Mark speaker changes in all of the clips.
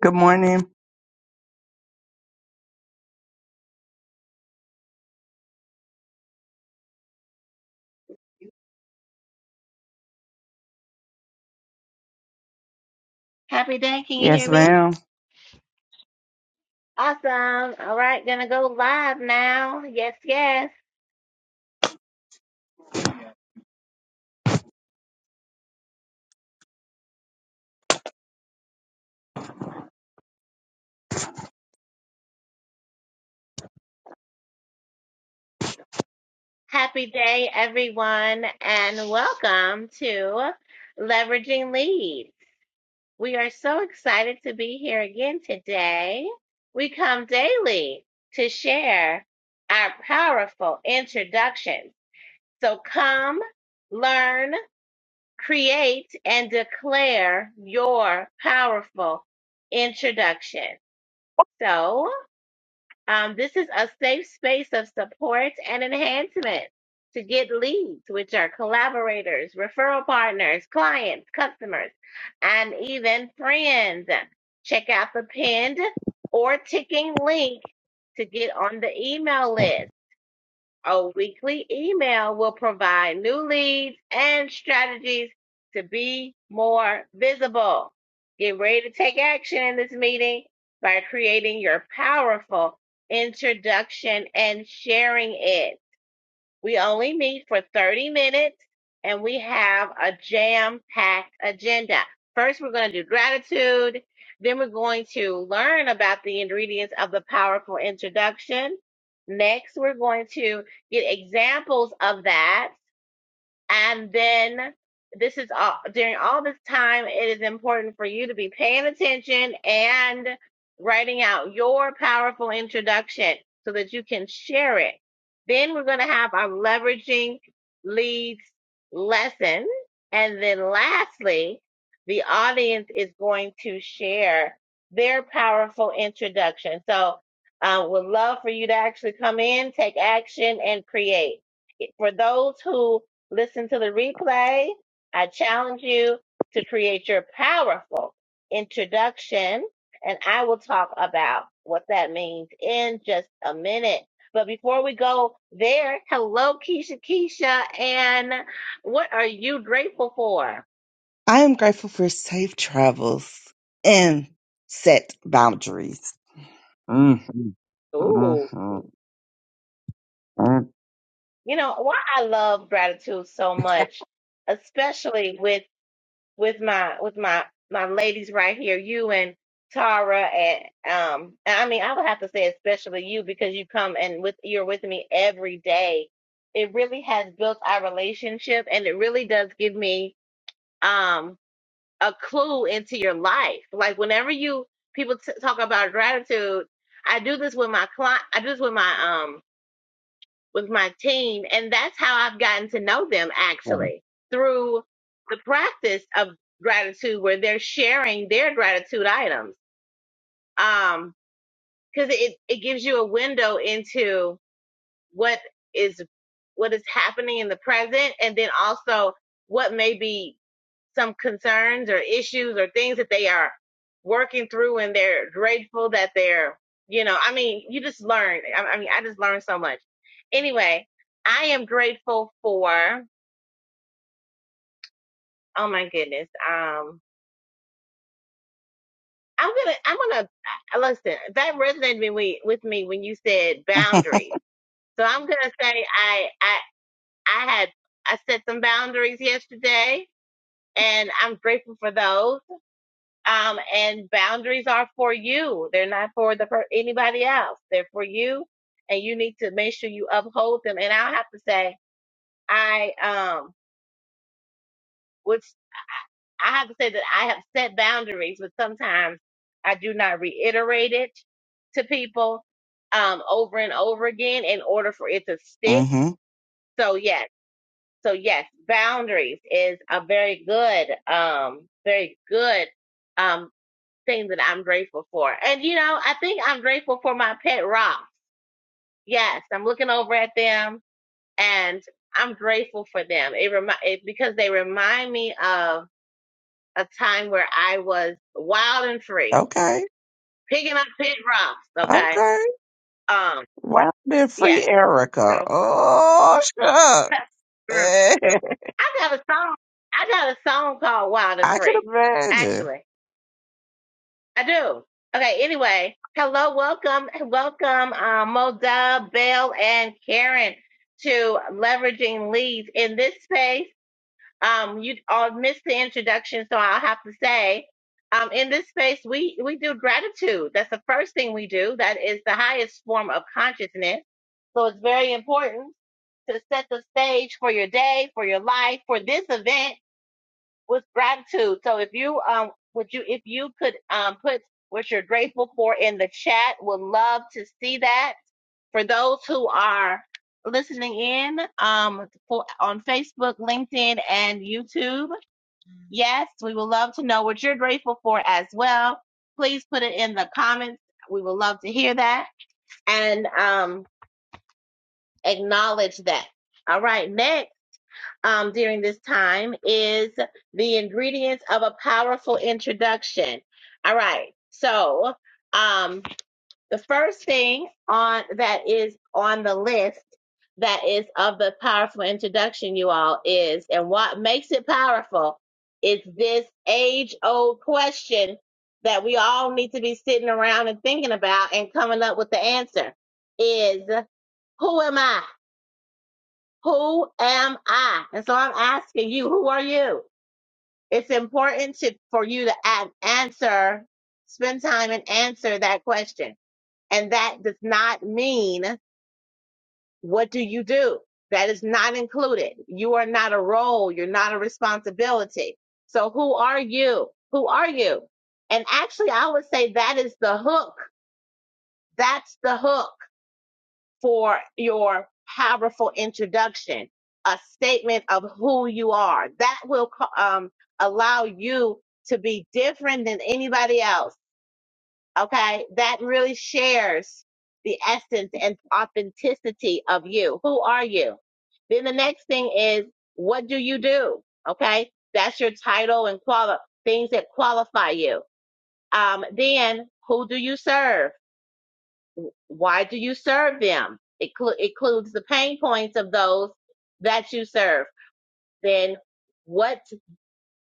Speaker 1: Good morning.
Speaker 2: Happy day. Can you
Speaker 1: Yes,
Speaker 2: hear me?
Speaker 1: ma'am.
Speaker 2: Awesome. All right. Gonna go live now. Yes, yes. Happy day, everyone, and welcome to Leveraging Leads. We are so excited to be here again today. We come daily to share our powerful introductions. So come, learn, create, and declare your powerful introduction. So, Um, this is a safe space of support and enhancement to get leads, which are collaborators, referral partners, clients, customers, and even friends. Check out the pinned or ticking link to get on the email list. Our weekly email will provide new leads and strategies to be more visible. Get ready to take action in this meeting by creating your powerful introduction and sharing it. We only meet for 30 minutes and we have a jam packed agenda. First, we're going to do gratitude. Then, we're going to learn about the ingredients of the powerful introduction. Next, we're going to get examples of that. And then this is all during all this time, it is important for you to be paying attention and writing out your powerful introduction so that you can share it. Then we're going to have our leveraging leads lesson. And then lastly, the audience is going to share their powerful introduction. So, uh, would love for you to actually come in, take action, and create. For those who Listen to the replay. I challenge you to create your powerful introduction, and I will talk about what that means in just a minute. But before we go there, hello, Keisha, Keisha, and what are you grateful for?
Speaker 1: I am grateful for safe travels and set boundaries. Mm-hmm.
Speaker 2: Ooh,
Speaker 1: Mm-hmm.
Speaker 2: you know why I love gratitude so much, especially with with my with my my ladies right here, you and Tara, and um, and I mean, I would have to say especially you because you come and with you're with me every day. It really has built our relationship, and it really does give me um a clue into your life. Like whenever you people t- talk about gratitude, I do this with my client. I do this with my um with my team. And that's how I've gotten to know them actually through the practice of gratitude where they're sharing their gratitude items. Um, cause it, it gives you a window into what is, what is happening in the present and then also what may be some concerns or issues or things that they are working through and they're grateful that they're, you know, I mean, you just learn. I, I mean, I just learned so much. Anyway, I am grateful for, oh my goodness. Um, I'm gonna, I'm gonna uh, listen. That resonated with me, with me when you said boundaries. So I'm gonna say I, I, I had, I set some boundaries yesterday, and I'm grateful for those. Um, and boundaries are for you. They're not for the for anybody else. They're for you, and you need to make sure you uphold them. And I have to say, I um, which I have to say that I have set boundaries, but sometimes I do not reiterate it to people um over and over again in order for it to stick.
Speaker 1: hmm
Speaker 2: So yes, so yes, boundaries is a very good um, very good um. thing that I'm grateful for. And you know, I think I'm grateful for my pet rocks. Yes, I'm looking over at them and I'm grateful for them. It remind it, because they remind me of a time where I was wild and free,
Speaker 1: Okay.
Speaker 2: picking up pet rocks. Okay.
Speaker 1: Okay.
Speaker 2: Um.
Speaker 1: Wow, been
Speaker 2: Yes.
Speaker 1: free Erica.
Speaker 2: So
Speaker 1: Oh, shucks.
Speaker 2: I got a song. I got a song called Wild and
Speaker 1: I can
Speaker 2: Free,
Speaker 1: imagine.
Speaker 2: actually. I do. Okay, anyway. Hello, welcome, welcome, uh, Moda, Bell, and Karen to Leveraging Leads. In this space, um, you all missed the introduction, so I'll have to say, um, in this space, we, we do gratitude. That's the first thing we do. That is the highest form of consciousness. So it's very important to set the stage for your day, for your life, for this event was gratitude. So if you um would you if you could um put what you're grateful for in the chat, would love to see that. For those who are listening in um for, on Facebook, LinkedIn, and YouTube, yes, we would love to know what you're grateful for as well. Please put it in the comments. We would love to hear that and um acknowledge that. All right, next um, during this time is the ingredients of a powerful introduction. All right. So, um, the first thing on that is on the list that is of the powerful introduction, you all, is and what makes it powerful is this age old question that we all need to be sitting around and thinking about and coming up with the answer is who am I? Who am I? And so I'm asking you, who are you? It's important to, for you to a- answer, spend time and answer that question. And that does not mean, what do you do? That is not included. You are not a role. You're not a responsibility. So who are you? Who are you? And actually, I would say that is the hook. That's the hook for your powerful introduction, a statement of who you are. That will co- um, allow you to be different than anybody else. Okay. That really shares the essence and authenticity of you. Who are you? Then the next thing is, what do you do? Okay. That's your title and quali- things that qualify you. Um, then who do you serve? why do you serve them? It clu- includes the pain points of those that you serve. Then what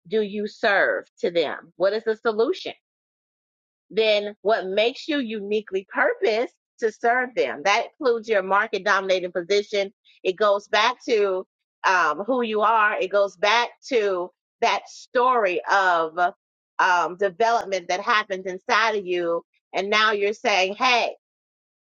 Speaker 2: do you serve to them? What is the solution? Then what makes you uniquely purposed to serve them? That includes your market dominating position. It goes back to um, who you are. It goes back to that story of um, development that happens inside of you. And now you're saying, hey,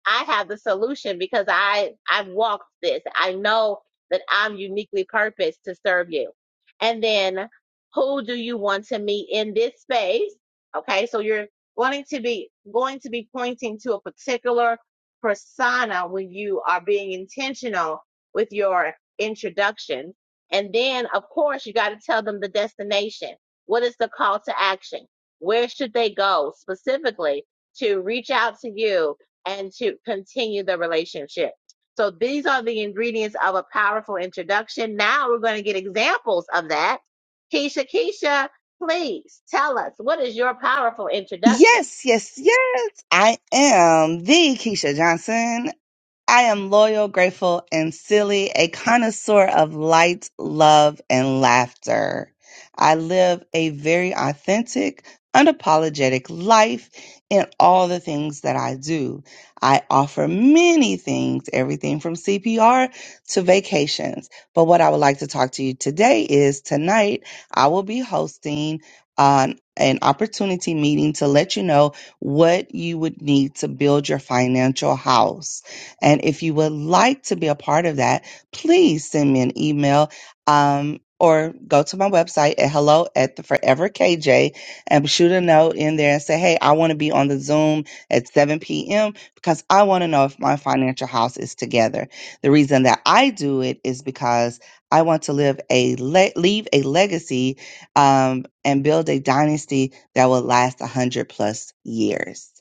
Speaker 2: I have the solution because I I've walked this. I know that I'm uniquely purposed to serve you. And then who do you want to meet in this space? Okay, so you're wanting to be going to be pointing to a particular persona when you are being intentional with your introduction. And then of course you got to tell them the destination. What is the call to action? Where should they go specifically to reach out to you and to continue the relationship. So these are the ingredients of a powerful introduction. Now we're going to get examples of that. Keisha, Keisha, please tell us what is your powerful introduction?
Speaker 1: Yes, yes, yes. I am the Keisha Johnson. I am loyal, grateful, and silly, a connoisseur of light, love, and laughter. I live a very authentic, unapologetic life in all the things that I do. I offer many things, everything from CPR to vacations. But what I would like to talk to you today is tonight I will be hosting an, an opportunity meeting to let you know what you would need to build your financial house. And if you would like to be a part of that, please send me an email um, or go to my website at hello at the forever KJ and shoot a note in there and say, hey, I want to be on the Zoom at 7 p.m. because I want to know if my financial house is together. The reason that I do it is because I want to live a le- leave a legacy um, and build a dynasty that will last 100 plus years.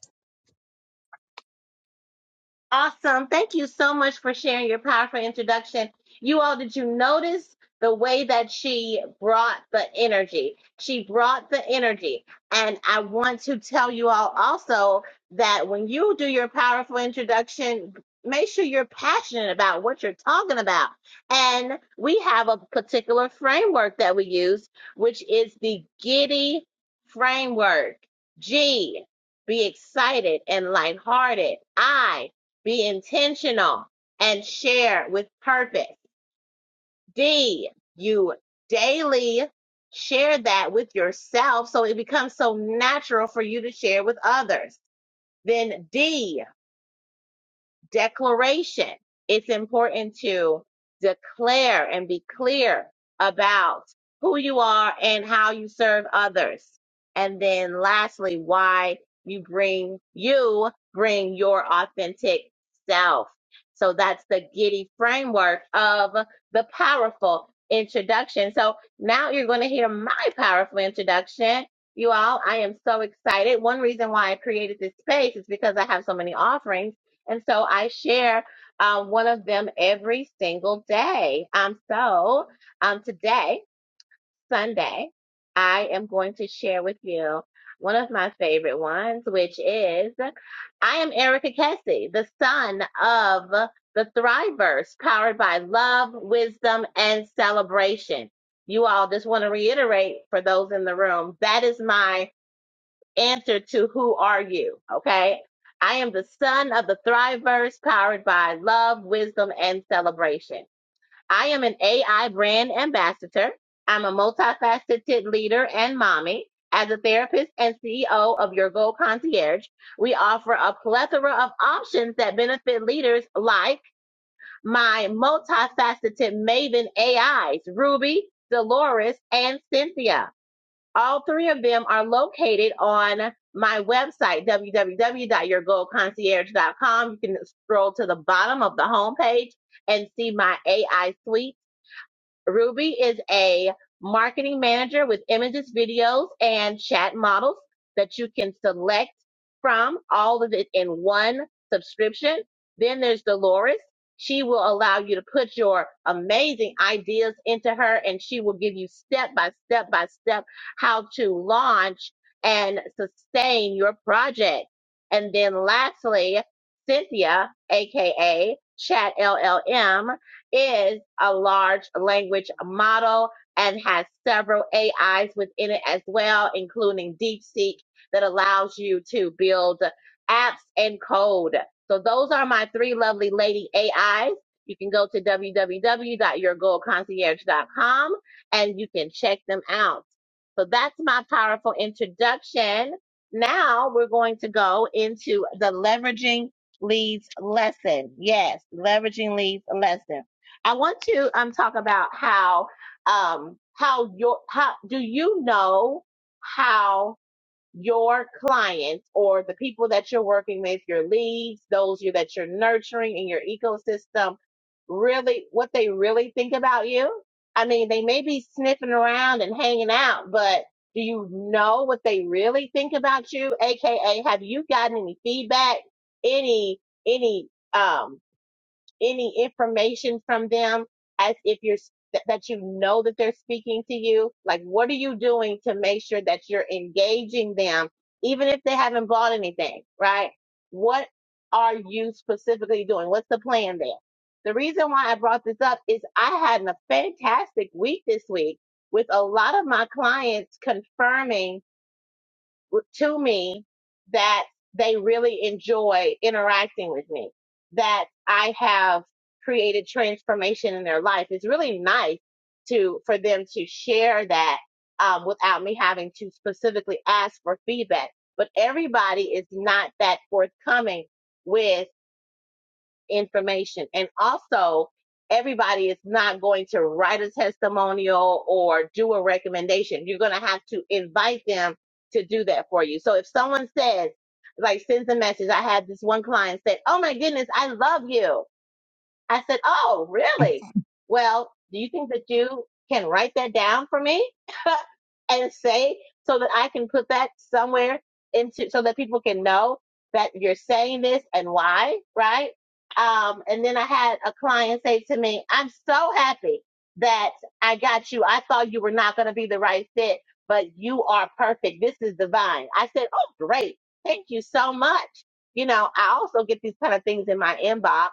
Speaker 2: Awesome. Thank you so much for sharing your powerful introduction. You all, did you notice the way that she brought the energy? She brought the energy. And I want to tell you all also that when you do your powerful introduction, make sure you're passionate about what you're talking about. And we have a particular framework that we use, which is the Giddy framework. G, be excited and lighthearted. I, be intentional and share with purpose. D, you daily share that with yourself so it becomes so natural for you to share with others. Then D, declaration. It's important to declare and be clear about who you are and how you serve others. And then lastly, why you bring you bring your authentic self. So that's the giddy framework of the powerful introduction. So now you're going to hear my powerful introduction. You all, I am so excited. One reason why I created this space is because I have so many offerings and so I share um, one of them every single day. Um, so um, today, Sunday, I am going to share with you one of my favorite ones, which is I am Erica Kessie, the son of the Thrivers, powered by love, wisdom, and celebration. You all just want to reiterate for those in the room that is my answer to who are you? Okay. I am the son of the Thriverse powered by love, wisdom, and celebration. I am an AI brand ambassador. I'm a multifaceted leader and mommy. As a therapist and CEO of Your Goal Concierge, we offer a plethora of options that benefit leaders like my multifaceted Maven AIs, Ruby, Dolores, and Cynthia. All three of them are located on my website, www.yourgoldconcierge.com. You can scroll to the bottom of the homepage and see my AI suite. Ruby is a marketing manager with images, videos, and chat models that you can select from, all of it in one subscription. Then there's Dolores. She will allow you to put your amazing ideas into her and she will give you step by step by step how to launch and sustain your project. And then lastly, Cynthia, aka Chat LLM is a large language model and has several AIs within it as well, including DeepSeek that allows you to build apps and code. So those are my three lovely lady AIs. You can go to www.yourgoalconcierge.com and you can check them out. So that's my powerful introduction. Now we're going to go into the leveraging leads lesson. Yes, leveraging leads lesson. I want to um talk about how um how your how do you know how your clients or the people that you're working with, your leads, those you that you're nurturing in your ecosystem, really what they really think about you? I mean, they may be sniffing around and hanging out, but do you know what they really think about you? AKA, have you gotten any feedback, any any um any information from them as if you're that you know that they're speaking to you? Like, what are you doing to make sure that you're engaging them, even if they haven't bought anything, right? What are you specifically doing? What's the plan there? The reason why I brought this up is I had a fantastic week this week with a lot of my clients confirming to me that they really enjoy interacting with me, that I have created transformation in their life. It's really nice to for them to share that um, without me having to specifically ask for feedback. But everybody is not that forthcoming with information. And also, everybody is not going to write a testimonial or do a recommendation. You're going to have to invite them to do that for you. So if someone says, like, sends a message, I had this one client say, Oh my goodness, I love you. I said, Oh, really? Well, do you think that you can write that down for me and say so that I can put that somewhere into so that people can know that you're saying this and why, right? Um, and then I had a client say to me, I'm so happy that I got you. I thought you were not going to be the right fit, but you are perfect. This is divine. I said, Oh, great. Thank you so much. You know, I also get these kind of things in my inbox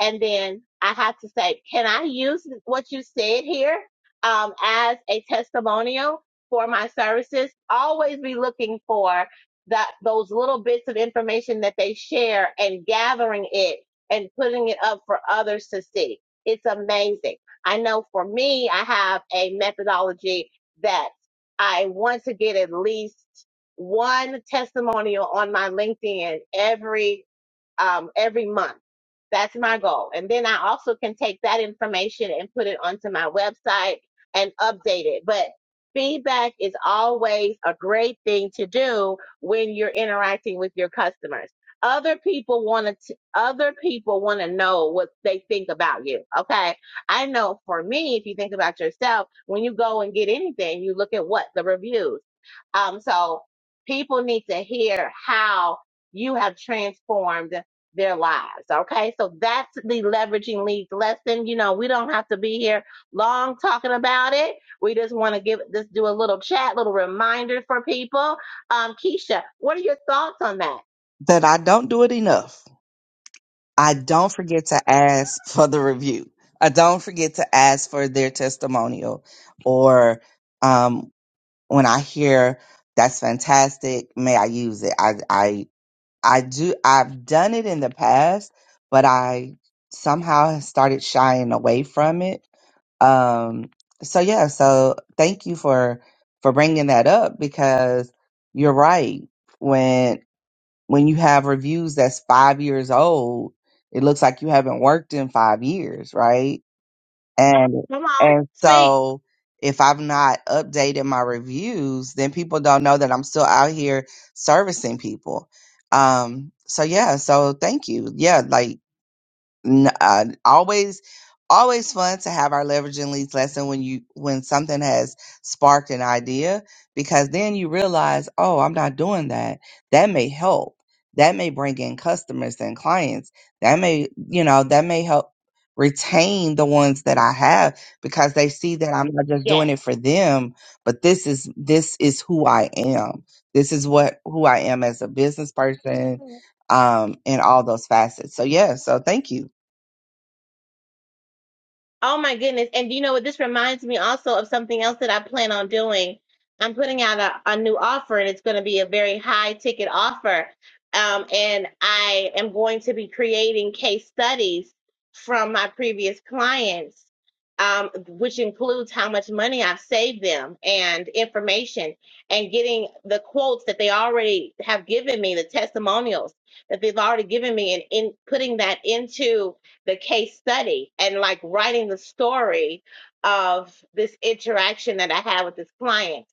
Speaker 2: and then I have to say, can I use what you said here um, as a testimonial for my services? Always be looking for that those little bits of information that they share and gathering it and putting it up for others to see. It's amazing. I know for me, I have a methodology that I want to get at least one testimonial on my LinkedIn every um, every month. That's my goal. And then I also can take that information and put it onto my website and update it. But feedback is always a great thing to do when you're interacting with your customers. Other people want to other people want to know what they think about you. Okay? I know for me if you think about yourself, when you go and get anything, you look at what the reviews. Um so people need to hear how you have transformed their lives. Okay. So that's the leveraging leads lesson. You know, we don't have to be here long talking about it. We just want to give just do a little chat, little reminder for people. Um, Keisha, what are your thoughts on that?
Speaker 1: That I don't do it enough. I don't forget to ask for the review. I don't forget to ask for their testimonial or um, when I hear that's fantastic, may I use it? I, I, I do, I've done it in the past, but I somehow have started shying away from it. Um, so yeah, so thank you for, for bringing that up because you're right. when. When you have reviews that's five years old, it looks like you haven't worked in five years, right? And
Speaker 2: Come on,
Speaker 1: and
Speaker 2: speak.
Speaker 1: so if I've not updated my reviews, then people don't know that I'm still out here servicing people. Um, so yeah, so thank you. Yeah, like n- uh, always always fun to have our leveraging leads lesson when you when something has sparked an idea because then you realize oh i'm not doing that that may help that may bring in customers and clients that may you know that may help retain the ones that i have because they see that i'm not just
Speaker 2: Yes.
Speaker 1: doing it for them but this is this is who i am this is what who i am as a business person um in all those facets so yeah so thank you
Speaker 2: Oh my goodness. And you know what? This reminds me also of something else that I plan on doing. I'm putting out a, a new offer and it's going to be a very high ticket offer. Um, and I am going to be creating case studies from my previous clients, um, which includes how much money I've saved them and information and getting the quotes that they already have given me, the testimonials that they've already given me, and in putting that into the case study and like writing the story of this interaction that I had with this client.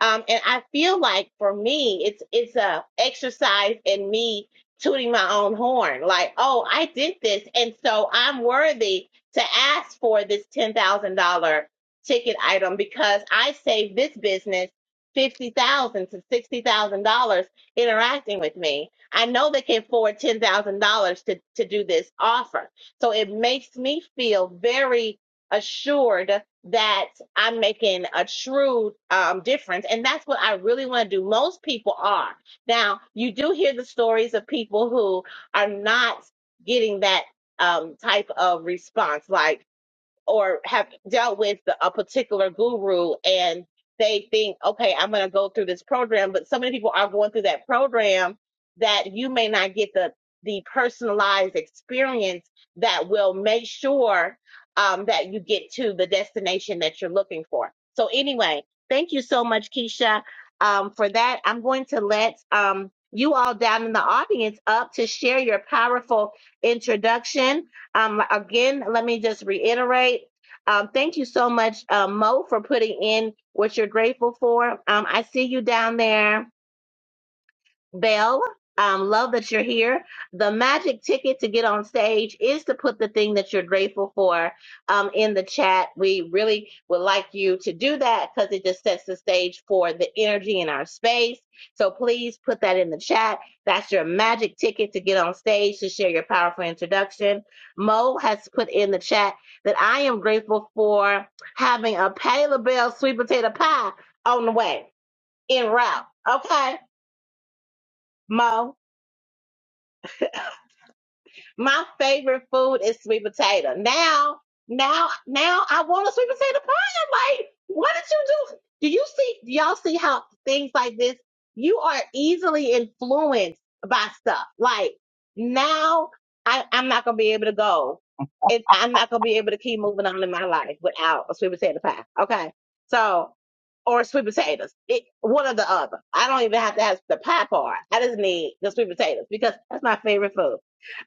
Speaker 2: Um, and I feel like for me, it's it's a exercise in me tooting my own horn. Like, oh, I did this, and so I'm worthy to ask for this ten thousand dollar ticket item because I saved this business fifty thousand to sixty thousand dollars interacting with me. I know they can afford ten thousand dollars to to do this offer so it makes me feel very assured that I'm making a true um, difference. And that's what I really want to do. Most people are. Now, you do hear the stories of people who are not getting that um, type of response. Like, or have dealt with a particular guru and they think, okay, I'm going to go through this program. But so many people are going through that program that you may not get the, the personalized experience that will make sure um, that you get to the destination that you're looking for. So, anyway, thank you so much, Keisha, um, for that. I'm going to let um, you all down in the audience up to share your powerful introduction um, again, let me just reiterate. Um, thank you so much, uh, Mo, for putting in what you're grateful for. Um, I see you down there. Belle, um, love that you're here. The magic ticket to get on stage is to put the thing that you're grateful for um, in the chat. We really would like you to do that because it just sets the stage for the energy in our space. So please put that in the chat. That's your magic ticket to get on stage to share your powerful introduction. Mo has put in the chat that I am grateful for having a Patty LaBelle sweet potato pie on the way, en route. Okay, Mo. My favorite food is sweet potato. Now, now, now I want a sweet potato pie. I'm like, what did you do? Do you see, do y'all see how things like this, you are easily influenced by stuff. Like now I, I'm not going to be able to go. It, I'm not going to be able to keep moving on in my life without a sweet potato pie. Okay. So, or sweet potatoes. It, one or the other. I don't even have to have the pie part. I just need the sweet potatoes because that's my favorite food.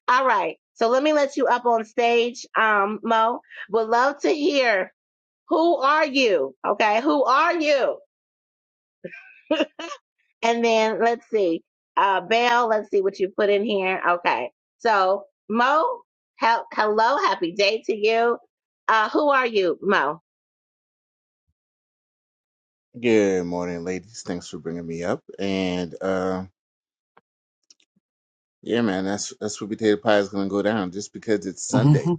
Speaker 2: All right. So let me let you up on stage, um, Mo. Would love to hear who are you? Okay, who are you? And then let's see. Uh Belle, let's see what you put in here. Okay. So Mo, he- hello, happy day to you. Uh who are you, Mo?
Speaker 3: Good morning, ladies. Thanks for bringing me up. And uh, yeah, man, that's that's what potato pie is gonna go down. Just because it's Sunday,
Speaker 1: hmm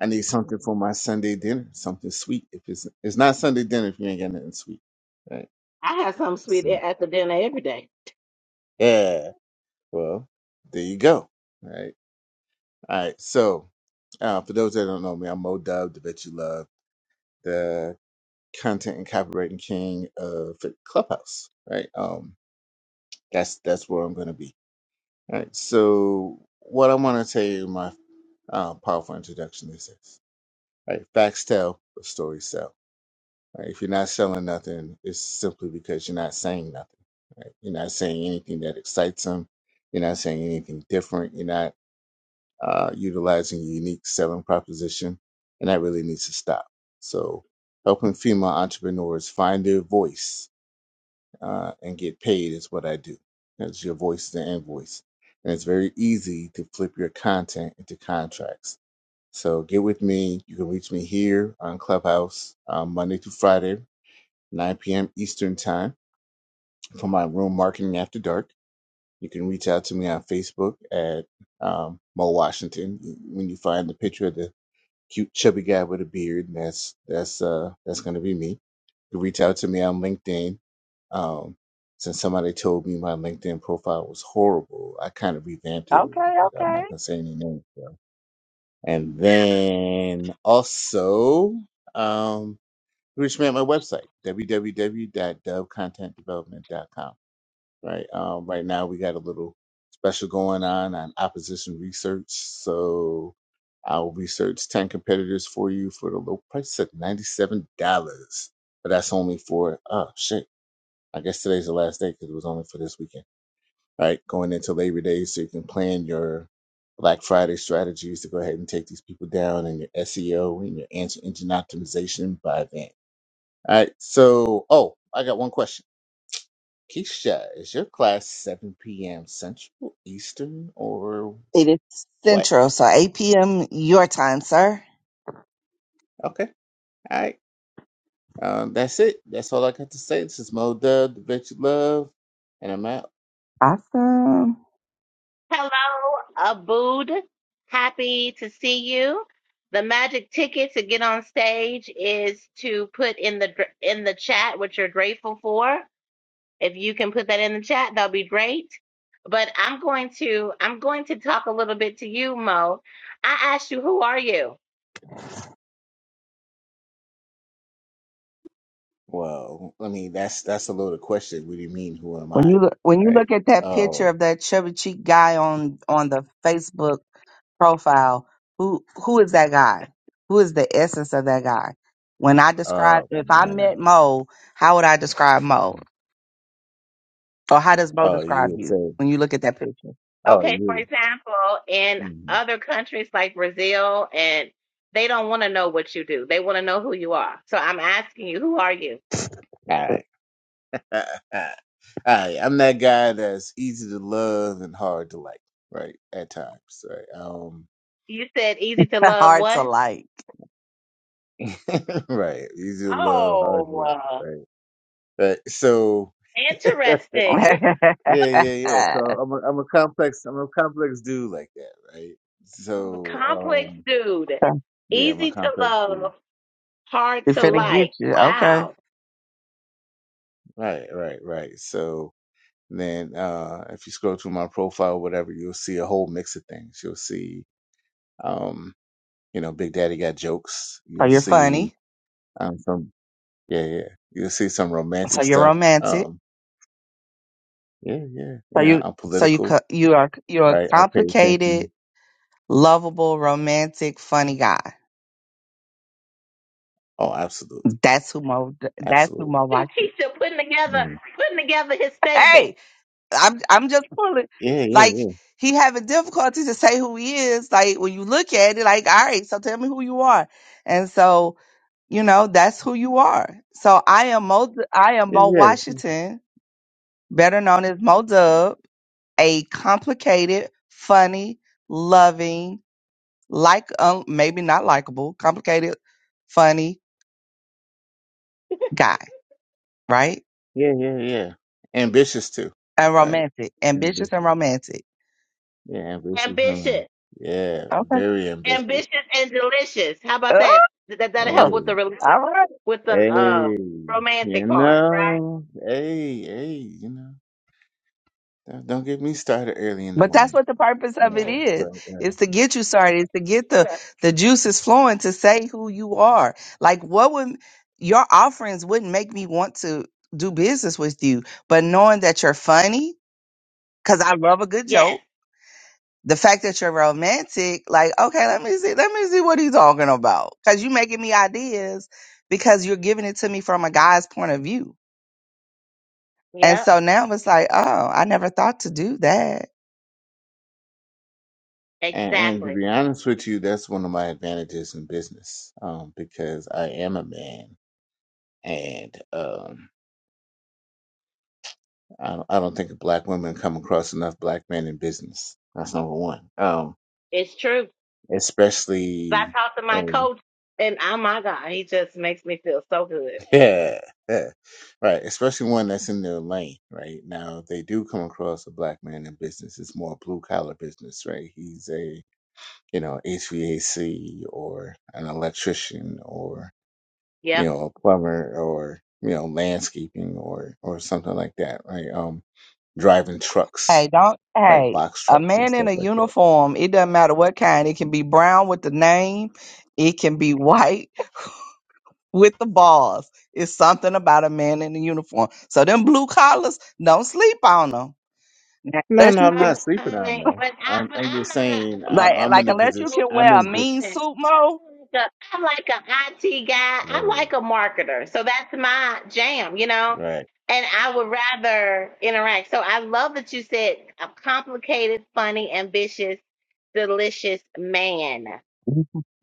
Speaker 3: I need something for my Sunday dinner, something sweet. If it's it's not Sunday dinner, if you ain't got nothing sweet, right?
Speaker 2: I have some sweet
Speaker 3: So,
Speaker 2: at the dinner every day.
Speaker 3: yeah. Well, there you go. Right. All right. So uh, for those that don't know me, I'm Mo Dub, the Bet You Love, the content and copywriting king of Clubhouse. Right. Um. That's that's where I'm gonna be. All right. So what I want to tell you, my Um, powerful introduction this is. Right, facts tell, but stories sell. Right, if you're not selling nothing, it's simply because you're not saying nothing. Right, you're not saying anything that excites them. You're not saying anything different. You're not uh, utilizing your unique selling proposition, and that really needs to stop. So, helping female entrepreneurs find their voice uh, and get paid is what I do. That's your voice is an invoice, and it's very easy to flip your content into contracts so get with me. You can reach me here on Clubhouse um, Monday through Friday, 9 p.m. Eastern Time for my room marketing after dark. You can reach out to me on Facebook at um, Mo Washington. When you find the picture of the cute chubby guy with a beard, that's that's uh, that's going to be me. You can reach out to me on LinkedIn. Um, since somebody told me my LinkedIn profile was horrible, I kind of revamped it a
Speaker 1: Okay,
Speaker 3: little bit. I'm
Speaker 1: okay.
Speaker 3: not going to say any names. but and then also, um, reach me at my website, w w w dot dub content development dot com. Right. Um, right now we got a little special going on on opposition research. So I'll research 10 competitors for you for the low price of $97. But that's only for, oh shit. I guess today's the last day because it was only for this weekend right? Going into Labor Day so you can plan your Black Friday strategies to go ahead and take these people down and your SEO and your answer engine optimization by then. All right. So, oh, I got one question. Keisha, is your class 7 p.m. Central, Eastern, or
Speaker 1: It is
Speaker 3: what?
Speaker 1: central, so 8 p.m. your time, sir.
Speaker 3: Okay. All right. Um, that's it. That's all I got to say. This is Mo Dub, the Bet You Love, and I'm out.
Speaker 1: Awesome.
Speaker 2: Hello, Abood. Happy to see you. The magic ticket to get on stage is to put in the gr- in the chat what you're grateful for. If you can put that in the chat, that'll be great. But I'm going to I'm going to talk a little bit to you, Mo. I asked you, who are you?
Speaker 3: Well, I mean, that's that's a loaded question. What do you mean? Who am
Speaker 1: When
Speaker 3: I?
Speaker 1: you look, when you
Speaker 3: All right.
Speaker 1: look at that picture
Speaker 3: Oh,
Speaker 1: of that chubby cheek guy on on the Facebook profile, who who is that guy? Who is the essence of that guy? When I describe,
Speaker 3: oh
Speaker 1: if I
Speaker 3: man.
Speaker 1: met Mo, how would I describe Mo, or how does Mo
Speaker 3: Oh, you
Speaker 1: describe
Speaker 3: would
Speaker 1: you
Speaker 3: say,
Speaker 1: when you look at that picture?
Speaker 3: oh,
Speaker 2: Okay, for
Speaker 3: you.
Speaker 2: example, in
Speaker 3: mhm.
Speaker 2: other countries like Brazil and they don't want to know what you do. They want to know who you are. So I'm asking you, who are you?
Speaker 3: All right. All right. I'm that guy that's easy to love and hard to like, right? At times, right? Um,
Speaker 2: You said easy to love
Speaker 1: Hard to
Speaker 2: what?
Speaker 1: like.
Speaker 3: right. Easy to love, hard to
Speaker 2: Oh,
Speaker 3: like,
Speaker 2: uh,
Speaker 3: right? But so, yeah,
Speaker 2: interesting.
Speaker 1: you
Speaker 3: yeah, yeah. So I'm a, I'm a complex, I'm a complex dude like that, right?
Speaker 2: I'm a
Speaker 3: So,
Speaker 2: complex
Speaker 3: um,
Speaker 2: dude.
Speaker 3: yeah, I'm a
Speaker 2: Easy to
Speaker 3: complex dude.
Speaker 2: love, hard to
Speaker 1: finna
Speaker 3: Right,
Speaker 1: get
Speaker 2: like.
Speaker 1: you. Okay.
Speaker 2: Wow.
Speaker 3: right, right, right. So, then uh if you scroll through my profile whatever you'll see a whole mix of things you'll see Um, you know, Big Daddy got jokes.
Speaker 1: So
Speaker 3: You'll
Speaker 1: you're
Speaker 3: see
Speaker 1: funny.
Speaker 3: um some yeah, yeah. You'll see some
Speaker 1: So
Speaker 3: romantic
Speaker 1: you're
Speaker 3: stuff.
Speaker 1: romantic.
Speaker 3: Um, yeah, yeah,
Speaker 1: So
Speaker 3: yeah.
Speaker 1: you
Speaker 3: I'm
Speaker 1: so you
Speaker 3: political,
Speaker 1: co- you are you're a
Speaker 3: right? I pay
Speaker 1: complicated,
Speaker 3: attention.
Speaker 1: lovable, romantic, funny guy.
Speaker 3: Oh, absolutely,
Speaker 1: That's who Mo. That's who
Speaker 3: absolutely.
Speaker 1: Mo
Speaker 2: You
Speaker 1: watches.
Speaker 2: Keisha putting together
Speaker 3: Mm.
Speaker 2: putting together his statement.
Speaker 1: I'm I'm just pulling.
Speaker 3: Yeah, yeah,
Speaker 1: Like
Speaker 3: yeah,
Speaker 1: he having difficulty to say who he is. Like when you look at it, like, all right, so tell me who you are. And so, you know, that's who you are. So I am Mo I am
Speaker 3: yeah,
Speaker 1: Mo
Speaker 3: yeah,
Speaker 1: Washington, better known as Mo Dub, a complicated, funny, loving, like um, maybe not likable, complicated, funny guy, right?
Speaker 3: yeah, yeah, yeah. Ambitious too,
Speaker 1: And
Speaker 3: right?
Speaker 1: romantic, ambitious and
Speaker 3: Ambitious.
Speaker 1: romantic.
Speaker 3: Yeah, ambitious. Huh?
Speaker 2: Ambitious,
Speaker 3: Yeah,
Speaker 1: Okay.
Speaker 3: very
Speaker 2: ambitious
Speaker 3: ambitious.
Speaker 2: and delicious. How about that? Th- That that'll help
Speaker 1: Ugh.
Speaker 3: Hey,
Speaker 2: with the rel-
Speaker 1: All right.
Speaker 2: with the
Speaker 3: hey,
Speaker 2: uh romantic
Speaker 3: you
Speaker 2: part, right?
Speaker 3: know, hey, hey, you know. Don't don't get me started early in the
Speaker 1: But that's
Speaker 3: morning.
Speaker 1: what the purpose
Speaker 3: you
Speaker 1: of it
Speaker 2: Okay.
Speaker 3: know
Speaker 1: is.
Speaker 3: but uh,
Speaker 1: It's to get you started, it's to get the
Speaker 2: Keisha.
Speaker 1: the juices flowing to say who you are. Like what would your offerings wouldn't make me want to do business with you, but knowing that you're funny cuz I love a good
Speaker 2: Yes.
Speaker 1: joke. The fact that you're romantic, like okay, let me see let me see what he's talking about cuz you making me ideas because you're giving it to me from a guy's point of view. And
Speaker 2: Yep.
Speaker 1: so now it's like, oh, I never thought to do that
Speaker 3: and, and to
Speaker 2: Exactly.
Speaker 3: be honest with you that's one of my advantages in business um because i am a man and um i don't, I don't think black women come across enough black men in business that's number one um
Speaker 2: It's true. I
Speaker 3: especially
Speaker 2: talked to my
Speaker 3: and
Speaker 2: coach, and oh my God, he just makes me feel so good.
Speaker 3: yeah yeah, right especially one that's in their lane right now if they do come across a black man in business it's more blue collar business right he's a you know hvac or an electrician or
Speaker 2: Yep.
Speaker 3: you know, a plumber or, you know, landscaping or, or something like that, right? Um, driving trucks,
Speaker 1: Hey, don't.
Speaker 3: right?
Speaker 1: Hey,
Speaker 3: Box
Speaker 1: a
Speaker 3: trucks and
Speaker 1: man in
Speaker 3: stuff
Speaker 1: a
Speaker 3: like that.
Speaker 1: uniform, it doesn't matter what kind. It can
Speaker 3: Mm.
Speaker 1: be brown with the name, it can be white with the bars. It's something about a man in a uniform. So them blue collars, don't sleep on them.
Speaker 3: No,
Speaker 1: Unless
Speaker 3: no,
Speaker 1: you
Speaker 3: I'm
Speaker 1: can,
Speaker 2: Um,
Speaker 3: not sleeping
Speaker 2: I
Speaker 3: on
Speaker 2: mean,
Speaker 3: them.
Speaker 2: but I,
Speaker 3: I'm,
Speaker 2: but
Speaker 3: I'm
Speaker 2: I'm
Speaker 3: just
Speaker 2: not a,
Speaker 3: saying
Speaker 2: I'm a,
Speaker 1: like,
Speaker 3: I'm, I'm
Speaker 2: I'm
Speaker 3: in
Speaker 1: like
Speaker 3: the
Speaker 2: not
Speaker 1: unless
Speaker 2: a
Speaker 1: you
Speaker 3: position,
Speaker 2: blue
Speaker 1: can
Speaker 3: I'm
Speaker 1: wear
Speaker 2: collar
Speaker 1: a
Speaker 3: in this.
Speaker 1: mean
Speaker 2: person.
Speaker 1: suit, Mo.
Speaker 2: I'm like a, I'm like a IT guy. I'm
Speaker 3: Oh,
Speaker 2: like a marketer. So that's my jam, you know.
Speaker 3: right.
Speaker 2: And I would rather interact. So I love that you said a complicated, funny, ambitious, delicious man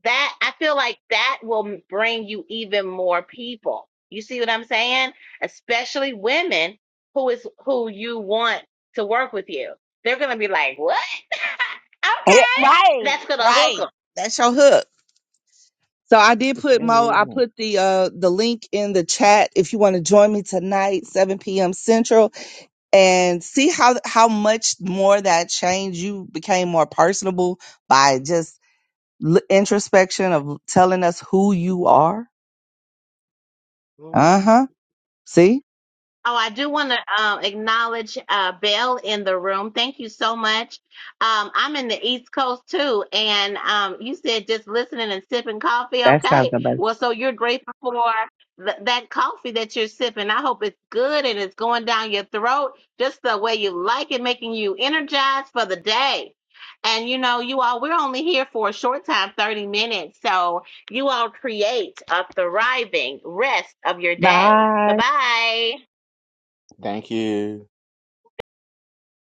Speaker 2: that I feel like that will bring you even more people. You see what I'm saying? Especially women who is who you want to work with you. They're gonna be like, "What?
Speaker 1: Yeah,
Speaker 2: okay,
Speaker 1: right,
Speaker 2: that's gonna hook
Speaker 1: right.
Speaker 2: hook
Speaker 1: That's your hook. So I did put
Speaker 3: Yeah,
Speaker 1: Mo.
Speaker 3: yeah,
Speaker 1: I
Speaker 3: yeah.
Speaker 1: put the uh the link in the chat if you want to join me tonight, 7 p.m. Central. and see how how much more that changed. You became more personable by just l- introspection of telling us who you are.
Speaker 2: them."
Speaker 1: Uh huh. See,
Speaker 2: Oh, I do want to um, acknowledge uh, Belle in the room. Thank you so much. Um, I'm in the East Coast too, and um, you said just listening and sipping coffee.
Speaker 1: that's sounds
Speaker 2: Okay,
Speaker 1: amazing.
Speaker 2: well, so you're grateful for th- that coffee that you're sipping. I hope it's good and it's going down your throat just the way you like it, making you energized for the day. And you know, you all, we're only here for a short time, 30 minutes. So you all create a thriving rest of your day.
Speaker 1: Bye.
Speaker 2: Bye bye.
Speaker 3: Thank you.